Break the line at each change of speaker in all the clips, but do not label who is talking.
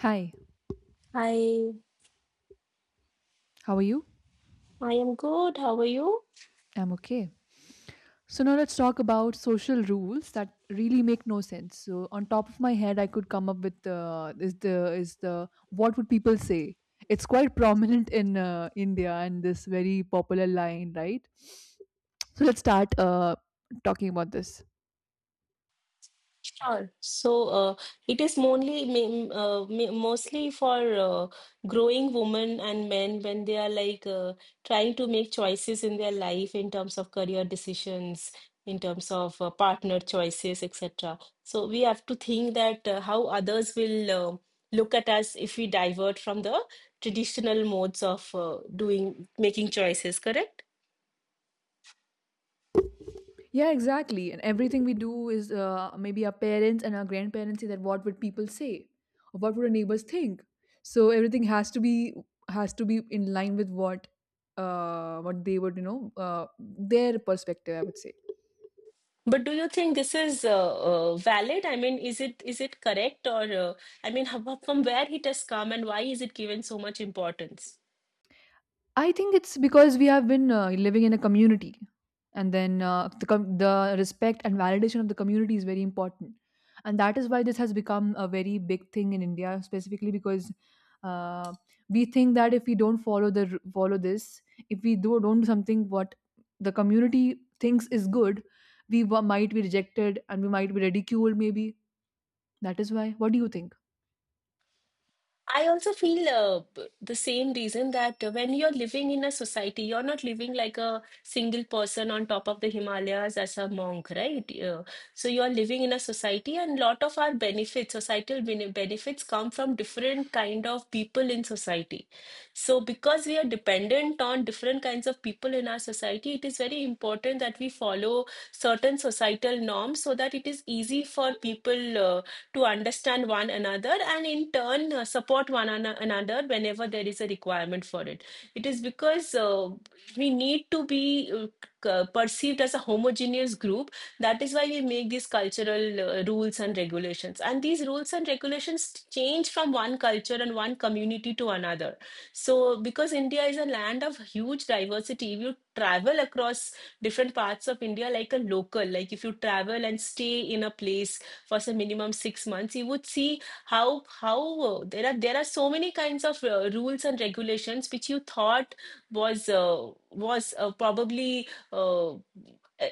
Hi,
Hi,
how are you?
I am good. How are you?
I'm okay. So now let's talk about social rules that really make no sense. So on top of my head, I could come up with is the what would people say? It's quite prominent in India and this very popular line, right? So let's start talking about this.
Sure. So, it is mainly mostly for growing women and men when they are like trying to make choices in their life in terms of career decisions, in terms of partner choices, etc. So we have to think that how others will look at us if we divert from the traditional modes of doing making choices. Correct?
Yeah, exactly. And everything we do is maybe our parents and our grandparents say that what would people say, or what would our neighbors think. So everything has to be in line with what they would their perspective, I would say.
But do you think this is valid? I mean, is it correct or I mean, how, from where it has come, and why is it given so much importance?
I think it's because we have been living in a community, and then the respect and validation of the community is very important, and that is why this has become a very big thing in India, specifically because uh, we think that if we don't follow this, if we do don't do something what the community thinks is good, might be rejected and we might be ridiculed. Maybe that is why. What do you think?
I also feel the same reason that when you're living in a society, you're not living like a single person on top of the Himalayas as a monk, right? So you're living in a society, and lot of our benefits, benefits come from different kind of people in society. So because we are dependent on different kinds of people in our society, it is very important that we follow certain societal norms so that it is easy for people to understand one another and in turn support another whenever there is a requirement for it. It is because we need to be perceived as a homogeneous group. That is why we make these cultural rules and regulations. And these rules and regulations change from one culture and one community to another. So, because India is a land of huge diversity, if you travel across different parts of India like a local, like if you travel and stay in a place for some minimum 6 months, you would see how there are so many kinds of rules and regulations which you thought was probably uh,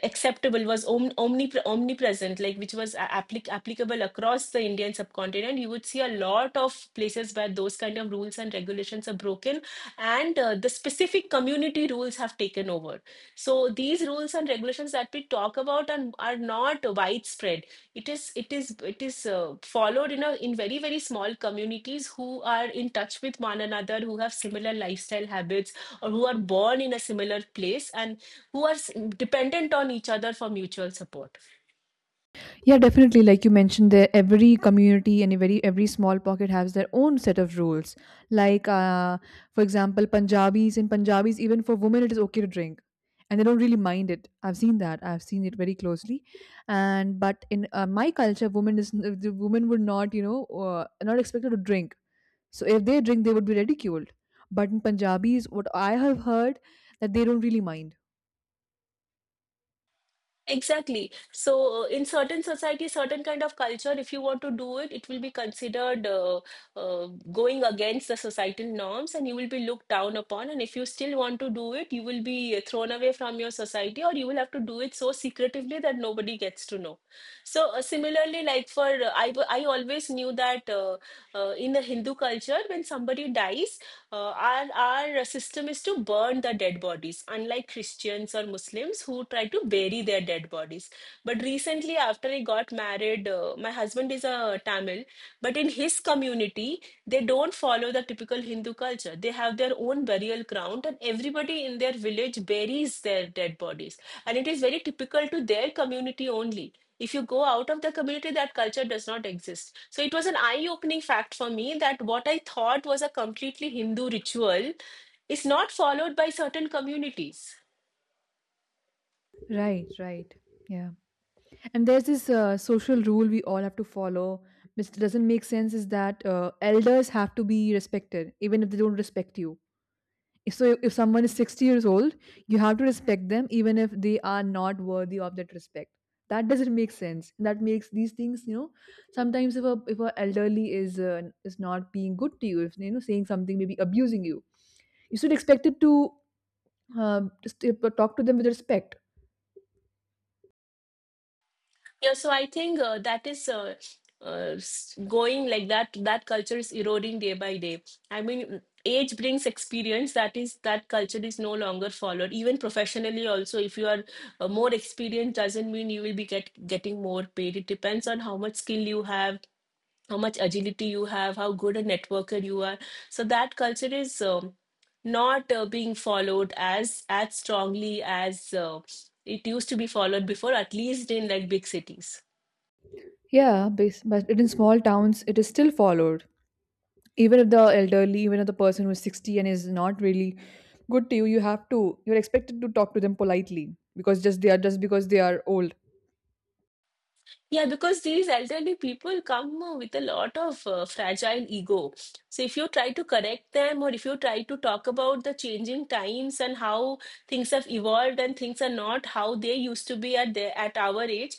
acceptable, was om omnipre omnipresent, like which was applicable across the Indian subcontinent. You would see a lot of places where those kind of rules and regulations are broken, and the specific community rules have taken over. So these rules and regulations that we talk about are not widespread. It is followed in a in very very small communities who are in touch with one another, who have similar lifestyle habits or who are born in a similar place and who are dependent on each other for mutual support.
Yeah, definitely. Like you mentioned, there every community and every small pocket has their own set of rules. Like, for example, Punjabis, even for women, it is okay to drink, and they don't really mind it. I've seen that. I've seen it very closely, and but in my culture, women is the women would not, uh, not expected to drink. So if they drink, they would be ridiculed. But in Punjabis, what I have heard that they don't really mind.
Exactly. So, in certain society, certain kind of culture, if you want to do it, it will be considered going against the societal norms, and you will be looked down upon. And if you still want to do it, you will be thrown away from your society, or you will have to do it so secretively that nobody gets to know. So, similarly, like for I always knew that in the Hindu culture, when somebody dies, our system is to burn the dead bodies, unlike Christians or Muslims who try to bury their dead bodies. But recently, after I got married, my husband is a Tamil, but in his community, they don't follow the typical Hindu culture. They have their own burial ground, and everybody in their village buries their dead bodies. And it is very typical to their community only. If you go out of the community, that culture does not exist. So it was an eye opening fact for me that what I thought was a completely Hindu ritual is not followed by certain communities.
Right. Right. Yeah. And there's this social rule we all have to follow, which doesn't make sense, is that elders have to be respected, even if they don't respect you. So, if someone is 60 years old, you have to respect them, even if they are not worthy of that respect. That doesn't make sense. That makes these things, you know, sometimes if a elderly is not being good to you, if you know saying something, maybe abusing you, you should expect it to just, talk to them with respect.
Yeah, so I think that is going like that. That culture is eroding day by day. I mean, age brings experience. That culture is no longer followed. Even professionally, also, if you are more experienced, doesn't mean you will be getting more paid. It depends on how much skill you have, how much agility you have, how good a networker you are. So that culture is not being followed as strongly as uh, it used to be followed before, at least in like big cities.
But in small towns, it is still followed. Even if the elderly, even if the person who is 60 and is not really good to you, you're expected to talk to them politely because just because they are old.
Yeah, because these elderly people come with a lot of fragile ego. So if you try to correct them, or if you try to talk about the changing times and how things have evolved and things are not how they used to be at their at our age,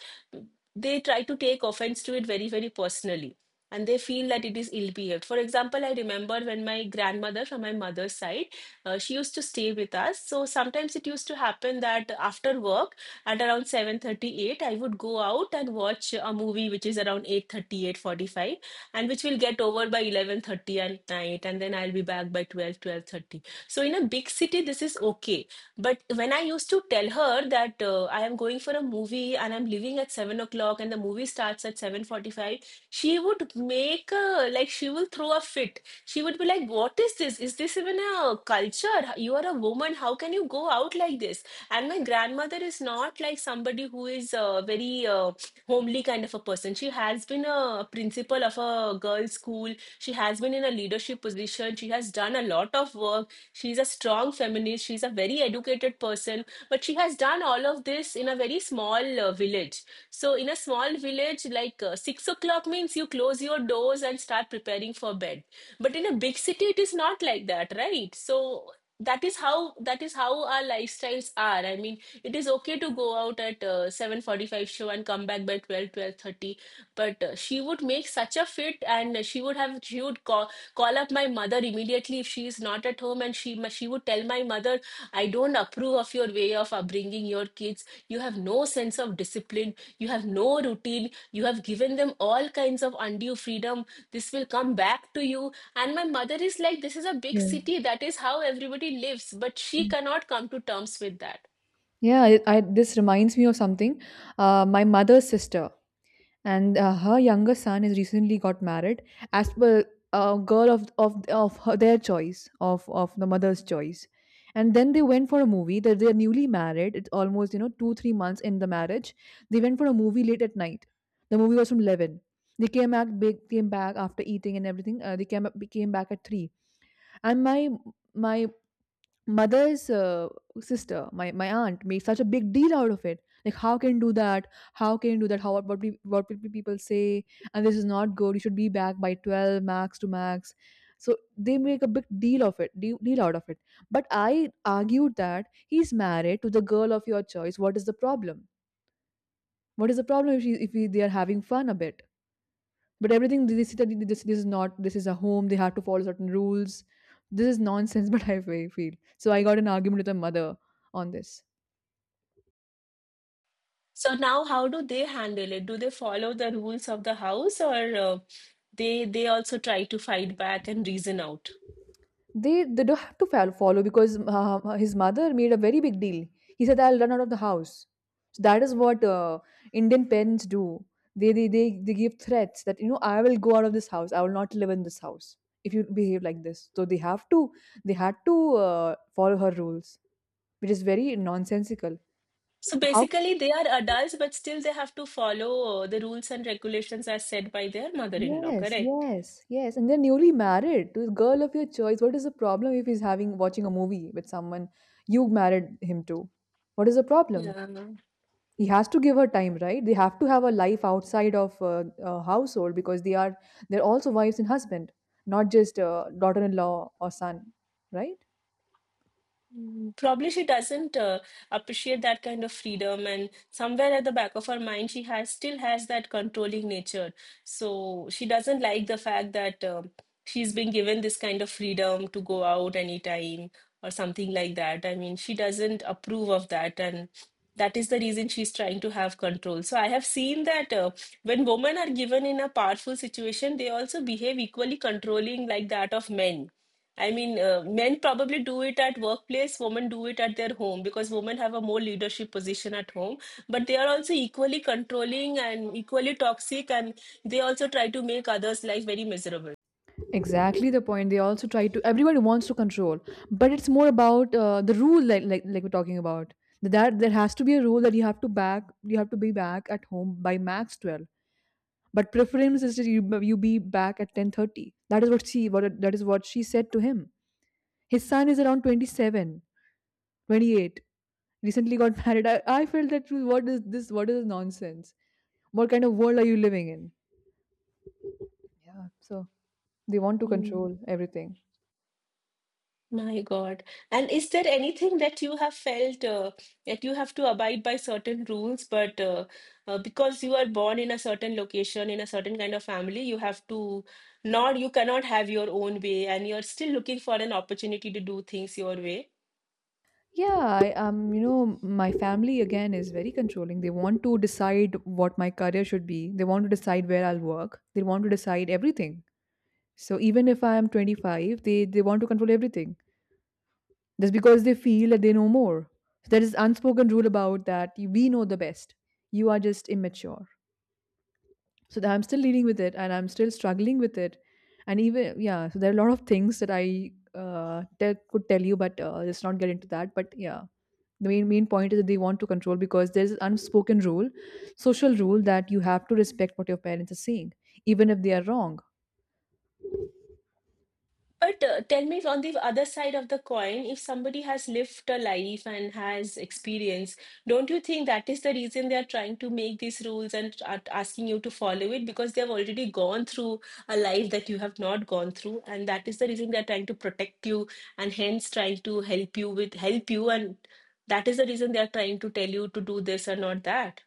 they try to take offense to it very, very personally. And they feel that it is ill-behaved. For example, I remember when my grandmother from my mother's side, she used to stay with us. So sometimes it used to happen that after work, at around 7:38, I would go out and watch a movie, which is around eight thirty-eight forty-five, and which will get over by 11:30 at night, and then I'll be back by 12-12:30. So in a big city this is okay, but when I used to tell her that I am going for a movie and I'm leaving at 7 o'clock and the movie starts at 7:45, she would make a like she will throw a fit. She would be like, what is this, is this even a culture? You are a woman, how can you go out like this? And my grandmother is not like somebody who is very homely kind of a person. She has been a principal of a girls' school. She has been in a leadership position. She has done a lot of work. She's a strong feminist. She's a very educated person. But she has done all of this in a very small village. So, in a small village, like 6 o'clock means you close your doors and start preparing for bed. But in a big city, it is not like that, right? So, that is how our lifestyles are. I mean, it is okay to go out at 7:45 show and come back by 12-12:30, but she would make such a fit and she would have she would call up my mother immediately if she is not at home, and she would tell my mother, I don't approve of your way of upbringing your kids, you have no sense of discipline, you have no routine, you have given them all kinds of undue freedom, this will come back to you. And my mother is like, this is a big
Yeah.
city, that is how everybody lives, but she cannot come to terms with that.
Yeah, this reminds me of something. My mother's sister, and her younger son has recently got married as per a girl their choice of the mother's choice, and then they went for a movie. That They're newly married. It's almost, you know, 2 3 months in the marriage. They went for a movie late at night. The movie was from 11. They came back. After eating and everything, they came up came back at 3. And my mother's sister, my aunt made such a big deal out of it, like how can you do that? How, what will people say? And this is not good, you should be back by 12, max to max. So they make a big deal of it, deal, deal out of it. But I argued that he's married to the girl of your choice, what is the problem? What is the problem if, she, if he, they are having fun a bit? But everything they say that this is not, this is a home, they have to follow certain rules. This is nonsense. But feel, so I got an argument with my mother on this.
So now, how do they handle it? Do they follow the rules of the house, or they also try to fight back and reason out?
They don't have to follow, because his mother made a very big deal. He said, I'll run out of the house. So that is what Indian parents do. They give threats that, you know, I will go out of this house, I will not live in this house if you behave like this. So they have to, they had to follow her rules, which is very nonsensical.
So
How
basically, they are adults, but still they have to follow the rules and regulations as said by their mother-in-law,
Yes,
correct?
yes, yes. And they're newly married to the girl of your choice. What is the problem if he's having watching a movie with someone you married him to? What is the problem?
Yeah.
He has to give her time, right? They have to have a life outside of a household, because they are, they're also wives and husband, not just daughter-in-law or son, right?
Mm, probably she doesn't appreciate that kind of freedom, and somewhere at the back of her mind, she has still has that controlling nature. So she doesn't like the fact that she's been given this kind of freedom to go out anytime or something like that. I mean, she doesn't approve of that, and that is the reason she's trying to have control. So I have seen that when women are given in a powerful situation, they also behave equally controlling like that of men. I mean, men probably do it at workplace, women do it at their home because women have a more leadership position at home, but they are also equally controlling and equally toxic, and they also try to make others' life very miserable.
Exactly the point, they also try to, everybody wants to control. But it's more about the rule, like, we're talking about, that there has to be a rule that you have to back, you have to be back at home by max 12. But preference is that you be back at 10:30. That is what she, what that is what she said to him. His son is around 27, 28. Recently got married. I felt that, what is this nonsense, what kind of world are you living in? Yeah, so they want to
Mm,
control everything.
my God. And is there anything that you have felt that you have to abide by certain rules, but because you are born in a certain location, in a certain kind of family, you have to not, you cannot have your own way, and you're still looking for an opportunity to do things your way?
Yeah, you know, my family again is very controlling. They want to decide what my career should be. They want to decide where I'll work. They want to decide everything. So even if I am 25, they want to control everything, just because they feel that they know more. There is unspoken rule about that, we know the best. You are just immature. So that I'm still dealing with it and I'm still struggling with it. And even, yeah, so there are a lot of things that could tell you, but let's not get into that. But yeah, the main point is that they want to control because there's an unspoken rule, social rule that you have to respect what your parents are saying, even if they are wrong.
But tell me, on the other side of the coin, if somebody has lived a life and has experience, don't you think that is the reason they are trying to make these rules and are asking you to follow it, because they have already gone through a life that you have not gone through, and that is the reason they are trying to protect you and hence trying to help you, and that is the reason they are trying to tell you to do this or not that.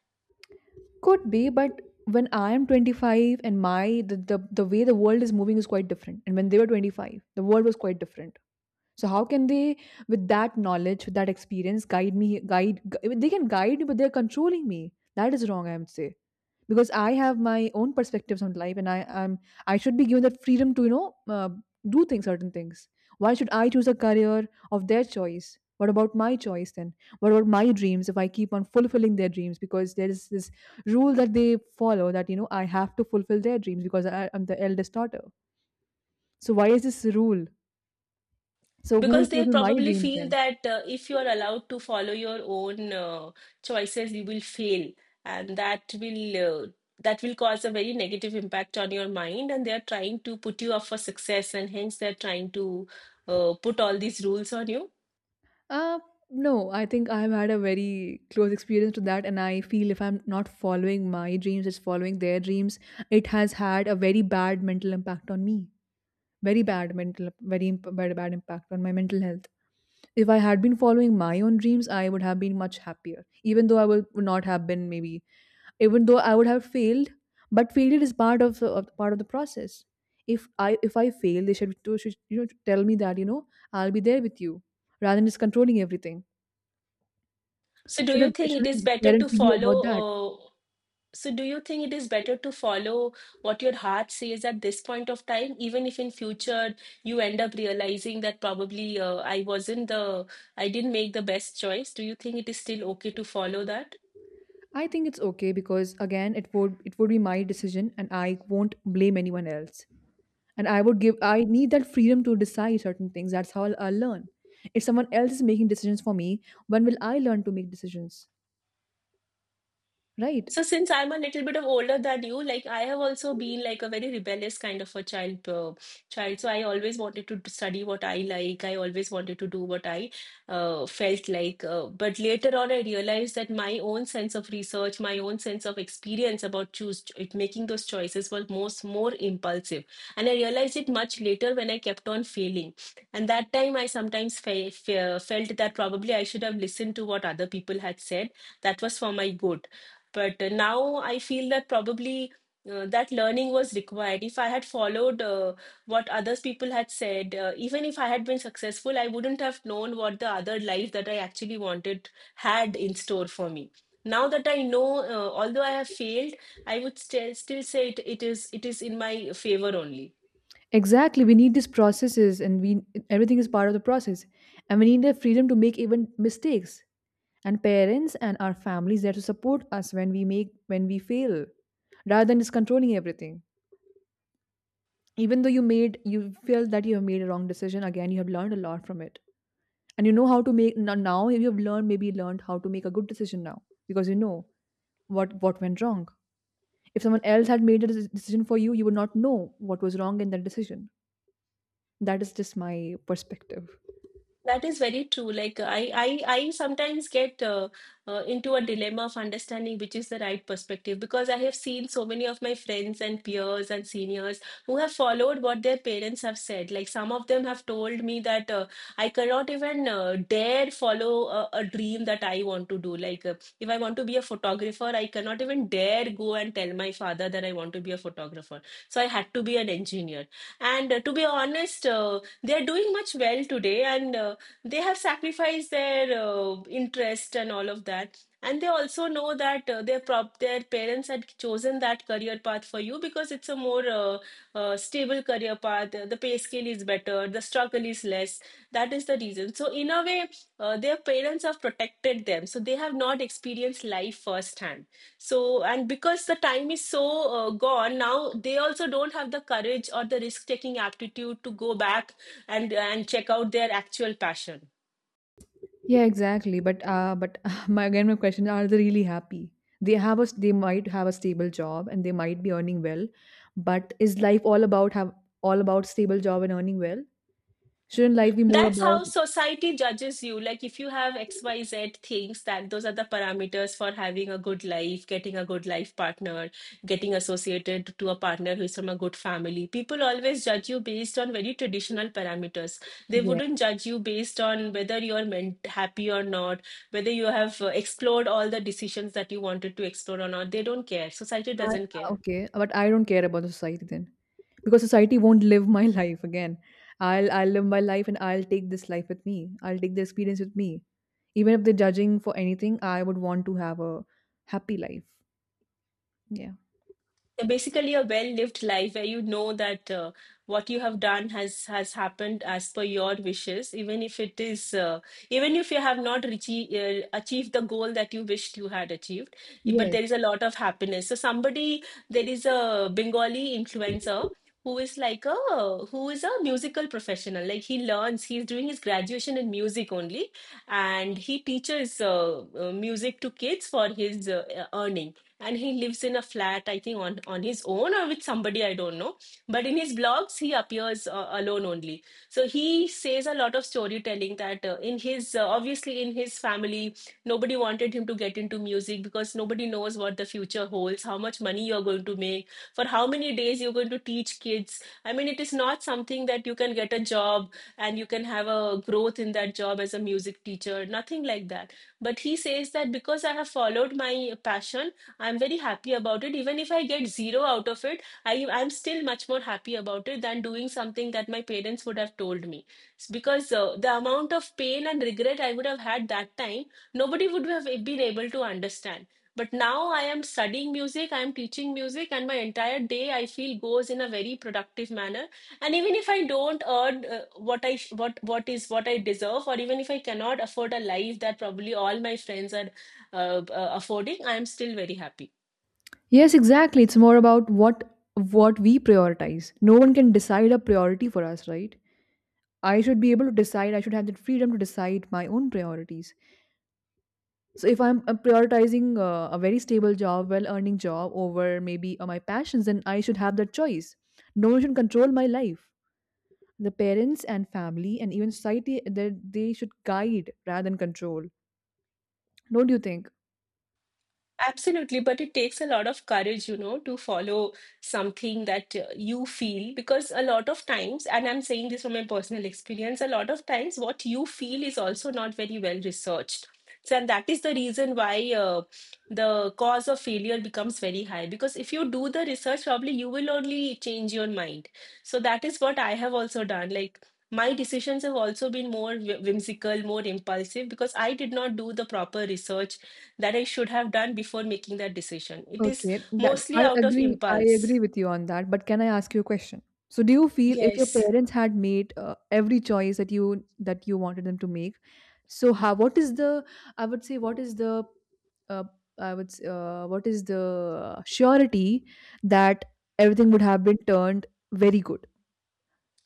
Could be, but when I am 25, and my the way the world is moving is quite different, and when they were 25 the world was quite different. So how can they, with that knowledge, with that experience, guide me, they can guide me, but they're controlling me. That is wrong, I would say. Because I have my own perspectives on life, and I am I should be given that freedom to, you know, do things certain things. Why should I choose a career of their choice? What about my choice then? What about my dreams, if I keep on fulfilling their dreams, because there is this rule that they follow that, you know, I have to fulfill their dreams because I'm the eldest daughter. So why is this rule? So who
Because
will
they
fulfill my
probably
dreams
feel
then?
that if you are allowed to follow your own choices, you will fail, and that will cause a very negative impact on your mind. And they are trying to put you up for success, and hence they are trying to put all these rules on you.
Uh, no, I think I've had a very close experience to that, and I feel if I'm not following my dreams, it's following their dreams. It has had a very bad mental impact on me. Very bad mental, bad impact on my mental health. If I had been following my own dreams, I would have been much happier. Even though would not have been, maybe, even though I would have failed, but failure is part part of the process. If I fail, they should, you know, tell me that, you know, I'll be there with you, rather than just controlling everything.
So, do
Should,
you
it
think it
should
is
not
better to
parenting be
follow?
about that?
Uh, So do you think it is better to follow what your heart says at this point of time, even if in future you end up realizing that probably I wasn't I didn't make the best choice? Do you think it is still okay to follow that?
I think it's okay, because again, it would, it would be my decision, and I won't blame anyone else. And I would give, I need that freedom to decide certain things. That's how I'll learn. If someone else is making decisions for me, when will I learn to make decisions? Right.
So since I'm a little bit of older than you, like I have also been like a very rebellious kind of a child. So I always wanted to study what I like. I always wanted to do what I felt like. But later on, I realized that my own sense of research, my own sense of experience about making those choices was most more impulsive. And I realized it much later when I kept on failing. And that time, I sometimes felt that probably I should have listened to what other people had said. That was for my good, but now I feel that probably that learning was required. If I had followed what others people had said, even if I had been successful, I wouldn't have known what the other life that I actually wanted had in store for me. Now that I know, although I have failed, I would still say it is in my favor only.
Exactly, we need these processes, and we everything is part of the process, and we need the freedom to make even mistakes. And parents and our families there to support us when we make when we fail, rather than just controlling everything. Even though you feel that you have made a wrong decision, again you have learned a lot from it. And you know how to make no- now you have learned, maybe learned how to make a good decision now, because you know what went wrong. If someone else had made a decision for you, you would not know what was wrong in that decision. That is just my perspective.
That is very true. Like I sometimes get into a dilemma of understanding which is the right perspective because I have seen so many of my friends and peers and seniors who have followed what their parents have said. Like some of them have told me that I cannot even dare follow a dream that I want to do. Like if I want to be a photographer, I cannot even dare go and tell my father that I want to be a photographer. So I had to be an engineer. And to be honest, they are doing much well today and they have sacrificed their interest and all of that, and they also know that their parents had chosen that career path for you because it's a more stable career path, the pay scale is better, the struggle is less, that is the reason. So in a way, their parents have protected them, so they have not experienced life firsthand. So, and because the time is so gone now, they also don't have the courage or the risk taking aptitude to go back and check out their actual passion.
Yeah, exactly, but my, again, my question, are they really happy? They might have a stable job, and they might be earning well, but is life all about have all about stable job and earning well? Shouldn't life be more
That's
about...
how society judges you, like if you have xyz things, that those are the parameters for having a good life, getting a good life partner, getting associated to a partner who's from a good family. People always judge you based on very traditional parameters. They
Yeah.
wouldn't judge you based on whether you're meant happy or not, whether you have explored all the decisions that you wanted to explore or not. They don't care, society
I,
doesn't care.
okay, but I don't care about the society then, because society won't live my life again. I'll live my life, and I'll take this life with me. I'll take the experience with me. Even if they're judging, for anything I would want to have a happy life.
Yeah, basically a well-lived life where you know that what you have done has happened as per your wishes, even if it is even if you have not reached achieved the goal that you wished you had achieved,
Yeah.
but
Yes.
there is a lot of happiness. So somebody, there is a Bengali influencer who is like a who is a musical professional. Like he learns, he's doing his graduation in music only, and he teaches music to kids for his earning, and he lives in a flat, I think, on his own or with somebody, I don't know. But in his blogs he appears alone only. So he says a lot of storytelling that in his obviously in his family nobody wanted him to get into music, because nobody knows what the future holds, how much money you're going to make, for how many days you're going to teach kids. I mean, it is not something that you can get a job and you can have a growth in that job as a music teacher, nothing like that. But he says that because I have followed my passion, I'm very happy about it. Even if I get zero out of it, I'm still much more happy about it than doing something that my parents would have told me. It's because the amount of pain and regret I would have had that time, nobody would have been able to understand. But now I am studying music, I am teaching music, and my entire day I feel goes in a very productive manner. And even if I don't earn what is what I deserve, or even if I cannot afford a life that probably all my friends are affording, I am still very happy.
Yes, exactly, it's more about what we prioritize. No one can decide a priority for us, right? I should be able to decide. I should have the freedom to decide my own priorities. So if I'm prioritizing a very stable job, well-earning job over maybe my passions, then I should have that choice. No one should control my life. The parents and family and even society, they should guide rather than control. Don't you think?
Absolutely, but it takes a lot of courage, you know, to follow something that you feel, because a lot of times, and I'm saying this from my personal experience, a lot of times what you feel is also not very well researched. So, and that is the reason why the cause of failure becomes very high, because if you do the research, probably you will only change your mind. So, that is what I have also done. Like, my decisions have also been whimsical, more impulsive, because I did not do the proper research that I should have done before making that decision. It is
Okay, that
mostly out of
I
impulse.
agree with you on that, but can I ask you a question? So do you feel if your
Yes.
parents had made every choice that you wanted them to make, so how, what is the... I would say, what is the uh, what is the surety that everything would have been turned very good?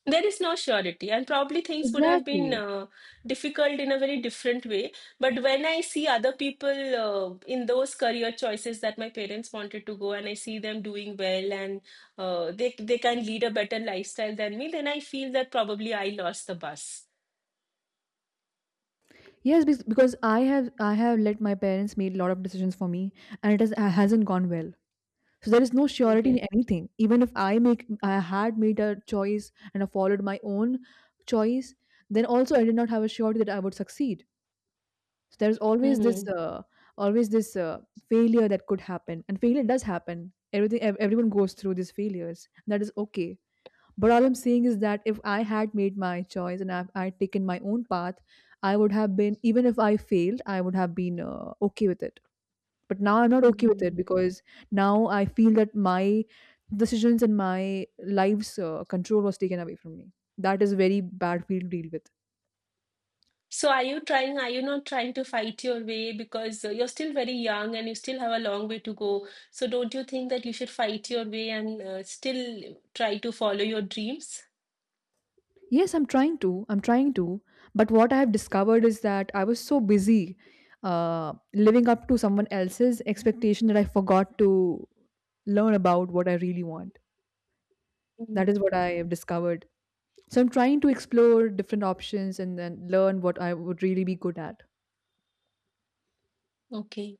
There is no surety, and probably things would have been
Exactly.
difficult in a very different way. But when I see other people in those career choices that my parents wanted to go, and I see them doing well, and they can lead a better lifestyle than me, then I feel that probably I lost the bus.
Yes, because I have let my parents make a lot of decisions for me, and it has hasn't gone well. So there is no surety in
Okay.
anything. Even if I had made a choice and I followed my own choice, then also I did not have a surety that I would succeed. So there is always this failure that could happen, and failure does happen. Everything, everyone goes through these failures. That is okay. But all I'm saying is that if I had made my choice and I'd taken my own path, I would have been, even if I failed, I would have been okay with it. But now I'm not okay with it,
Hmm.
because now I feel that my decisions and my life's control was taken away from me. That is a very bad feel to deal with.
So are you trying, are you not trying to fight your way, because you're still very young and you still have a long way to go. So don't you think that you should fight your way and still try to follow your dreams?
Yes, I'm trying to. I'm trying to. But what I have discovered is that I was so busy living up to someone else's expectation that I forgot to learn about what I really want.
Mm.
That is what I have discovered. So I'm trying to explore different options and then learn what I would really be good at.
Okay.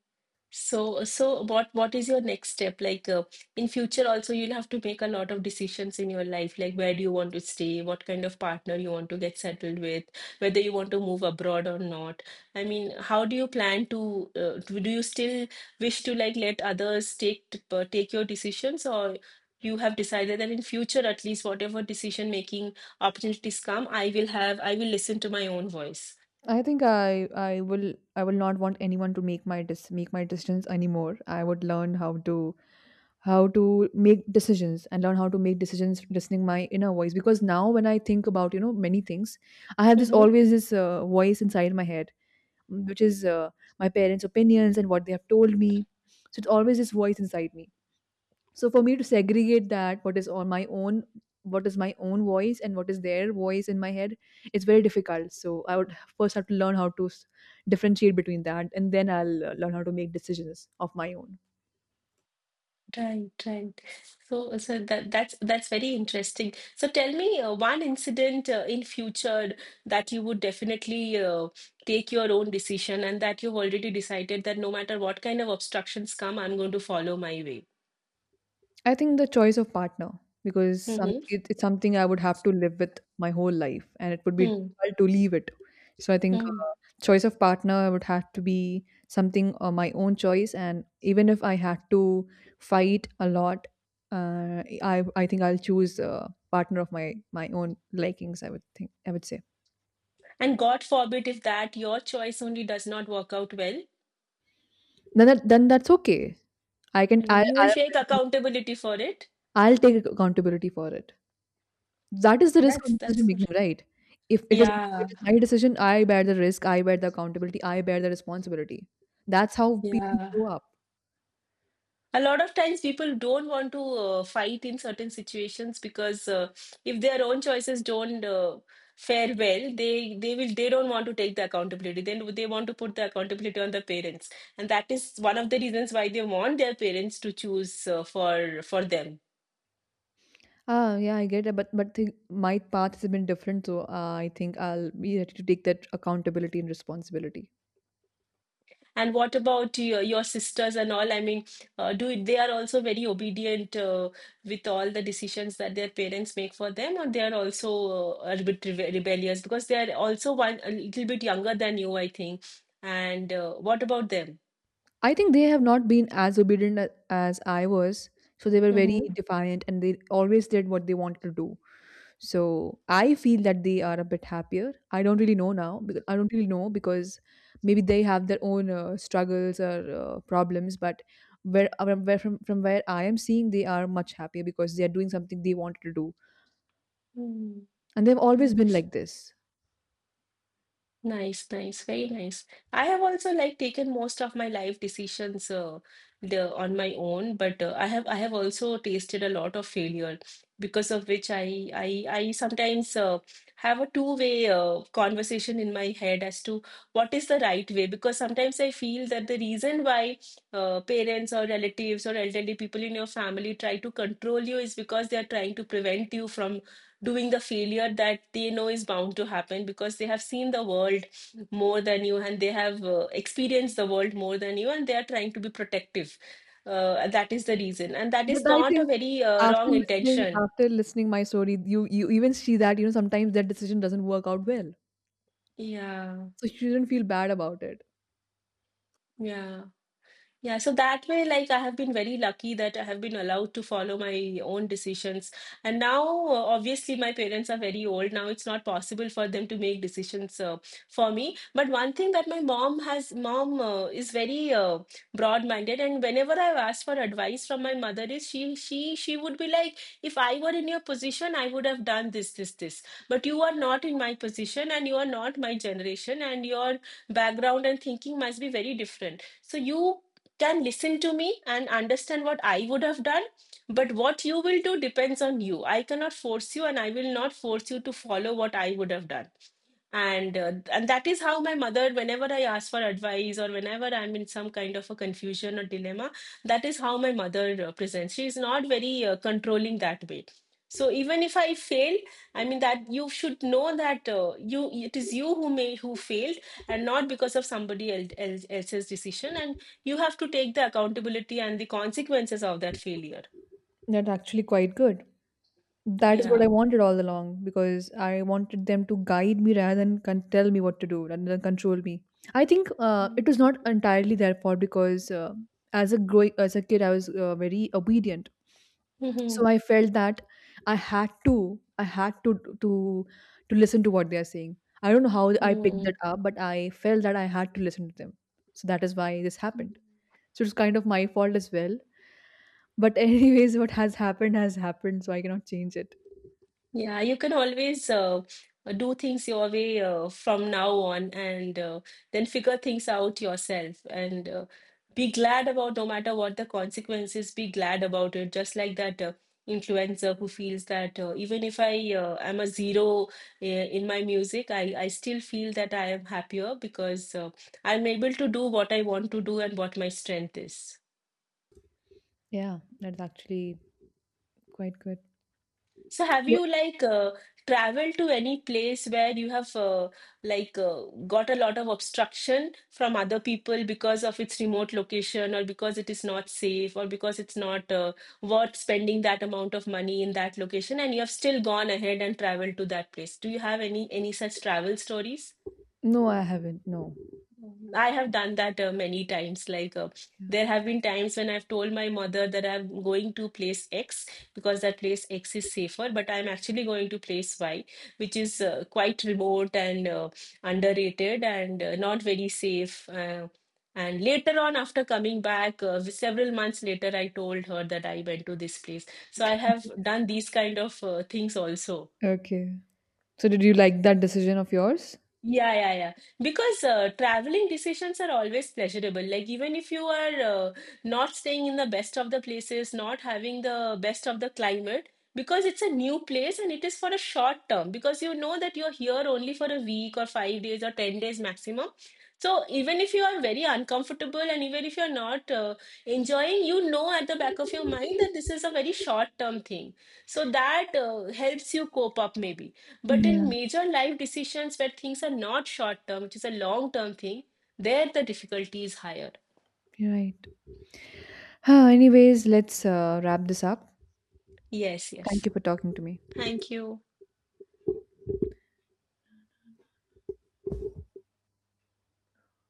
So, so what is your next step? Like in future also you'll have to make a lot of decisions in your life, like where do you want to stay, what kind of partner you want to get settled with, whether you want to move abroad or not. I mean, how do you plan to do you still wish to like let others take your decisions, or you have decided that in future at least whatever decision making opportunities come, I will listen to my own voice.
I think I will not want anyone to make my decisions anymore. I would learn how to make decisions, and learn how to make decisions listening my inner voice, because now when I think about, you know, many things, I have this
Mm-hmm.
always this uh, voice inside my head, which is my parents' opinions and what they have told me. So it's always this voice inside me. So for me to segregate that, what is on my own, what is my own voice and what is their voice in my head, it's very difficult. So I would first have to learn how to differentiate between that, and then I'll learn how to make decisions of my own.
Right, right. So, so that that's very interesting. So, tell me one incident in future that you would definitely take your own decision, and that you've already decided that no matter what kind of obstructions come, I'm going to follow my way.
I think the choice of partner, because some
Mm-hmm.
it's something I would have to live with my whole life, and it would be
Hmm.
difficult to leave it. So I think
Hmm.
choice of partner would have to be something my own choice, and even if I had to fight a lot, uh, I think I'll choose a partner of my own likings. I would say...
And God forbid if that your choice only does not work out well.
Then then that's okay. I can
I
I
mean, you will take accountability for it.
I'll take accountability for it. That is the risk of
That's
decision
good.
making, right? If it is if
Yeah,
it is my decision, I bear the risk, I bear the accountability, I bear the responsibility. That's how people
yeah.
grow up.
A lot of times people don't want to fight in certain situations, because if their own choices don't fare well, they don't want to take the accountability. Then they want to put the accountability on the parents, and that is one of the reasons why they want their parents to choose for them.
Ah, yeah, I get it, but my path has been different, so I think I'll be ready to take that accountability and responsibility.
And what about your sisters and all? I mean, do they are also very obedient with all the decisions that their parents make for them, or they are also rebellious, because they are also one a little bit younger than you, I think. And what about them?
I think they have not been as obedient as I was, so they were very defiant, and they always did what they wanted to do. So I feel that they are a bit happier. I don't really know now, because I don't really know, because maybe they have their own struggles or problems. But where, from where I am seeing, they are much happier because they are doing something they wanted to do,
Mm-hmm.
and they've always been like this.
Nice, nice, very nice. I have also like taken most of my life decisions the on my own, but I have also tasted a lot of failure, because of which I sometimes have a two-way conversation in my head as to what is the right way, because sometimes I feel that the reason why parents or relatives or elderly people in your family try to control you is because they are trying to prevent you from doing the failure that they know is bound to happen, because they have seen the world more than you and they have experienced the world more than you, and they are trying to be protective. That is the reason, and that
But
is
I
not a
think
very wrong intention.
after listening my story, you even see that, you know, sometimes that decision doesn't work out well.
Yeah,
So you shouldn't feel bad about it.
yeah. Yeah, so that way, like I have been very lucky that I have been allowed to follow my own decisions. And now, obviously, my parents are very old. Now it's not possible for them to make decisions for me. But one thing that my mom is very broad-minded, and whenever I've asked for advice from my mother, is she would be like, if I were in your position, I would have done this, this, this. But you are not in my position, and you are not my generation, and your background and thinking must be very different. So you can listen to me and understand what I would have done. But what you will do depends on you. I cannot force you, and I will not force you to follow what I would have done. And that is how my mother, whenever I ask for advice or whenever I'm in some kind of a confusion or dilemma, that is how my mother presents. She is not very controlling that way. So even if I fail, I mean that you should know that you it is you who failed and not because of else's decision. And you have to take the accountability and the consequences of that failure.
That's actually quite good. That is what I
Yeah.
wanted all along, because I wanted them to guide me rather than tell me what to do rather than control me. I think it
Mm-hmm.
was not entirely their fault, because as a kid, I was very obedient. So I felt that i had to I had to to listen to what they are saying. I don't know how I picked
Mm-hmm.
that up, but I felt that I had to listen to them. So that is why this happened. So it's kind of my fault as well. But anyways, what has happened has happened, so I cannot change it.
Yeah, you can always do things your way from now on and then figure things out yourself and be glad about no matter what the consequences, be glad about it. Just like that influencer who feels that even if I am a zero in my music, I still feel that I am happier because I'm able to do what I want to do and what my strength is.
Yeah, that's actually quite good.
So have
Wha-
you like traveled to any place where you have like got a lot of obstruction from other people because of its remote location or because it is not safe or because it's not worth spending that amount of money in that location and you have still gone ahead and traveled to that place. Do you have any such travel stories?
no, I haven't, no.
I have done that many times. Like,
Yeah.
there have been times when I've told my mother that I'm going to place X because that place X is safer, but I'm actually going to place Y, which is quite remote and underrated and not very safe. And later on, after coming back, several months later, I told her that I went to this place. So I have done these kind of things also.
Okay, so did you like that decision of yours?
Yeah, yeah, yeah. Because traveling decisions are always pleasurable. Like, even if you are not staying in the best of the places, not having the best of the climate, because it's a new place and it is for a short term, because you know that you're here only for a week or 5 days or 10 days maximum. So, even if you are very uncomfortable and even if you're not enjoying, you know at the back of your mind that this is a very short term thing. So, that helps you cope up, maybe. But in
Yeah,
major life decisions where things are not short term, which is a long term thing, there the difficulty is higher.
you're right. Anyways, let's wrap this up.
Yes,
Thank
yes.
you for talking to me.
Thank you.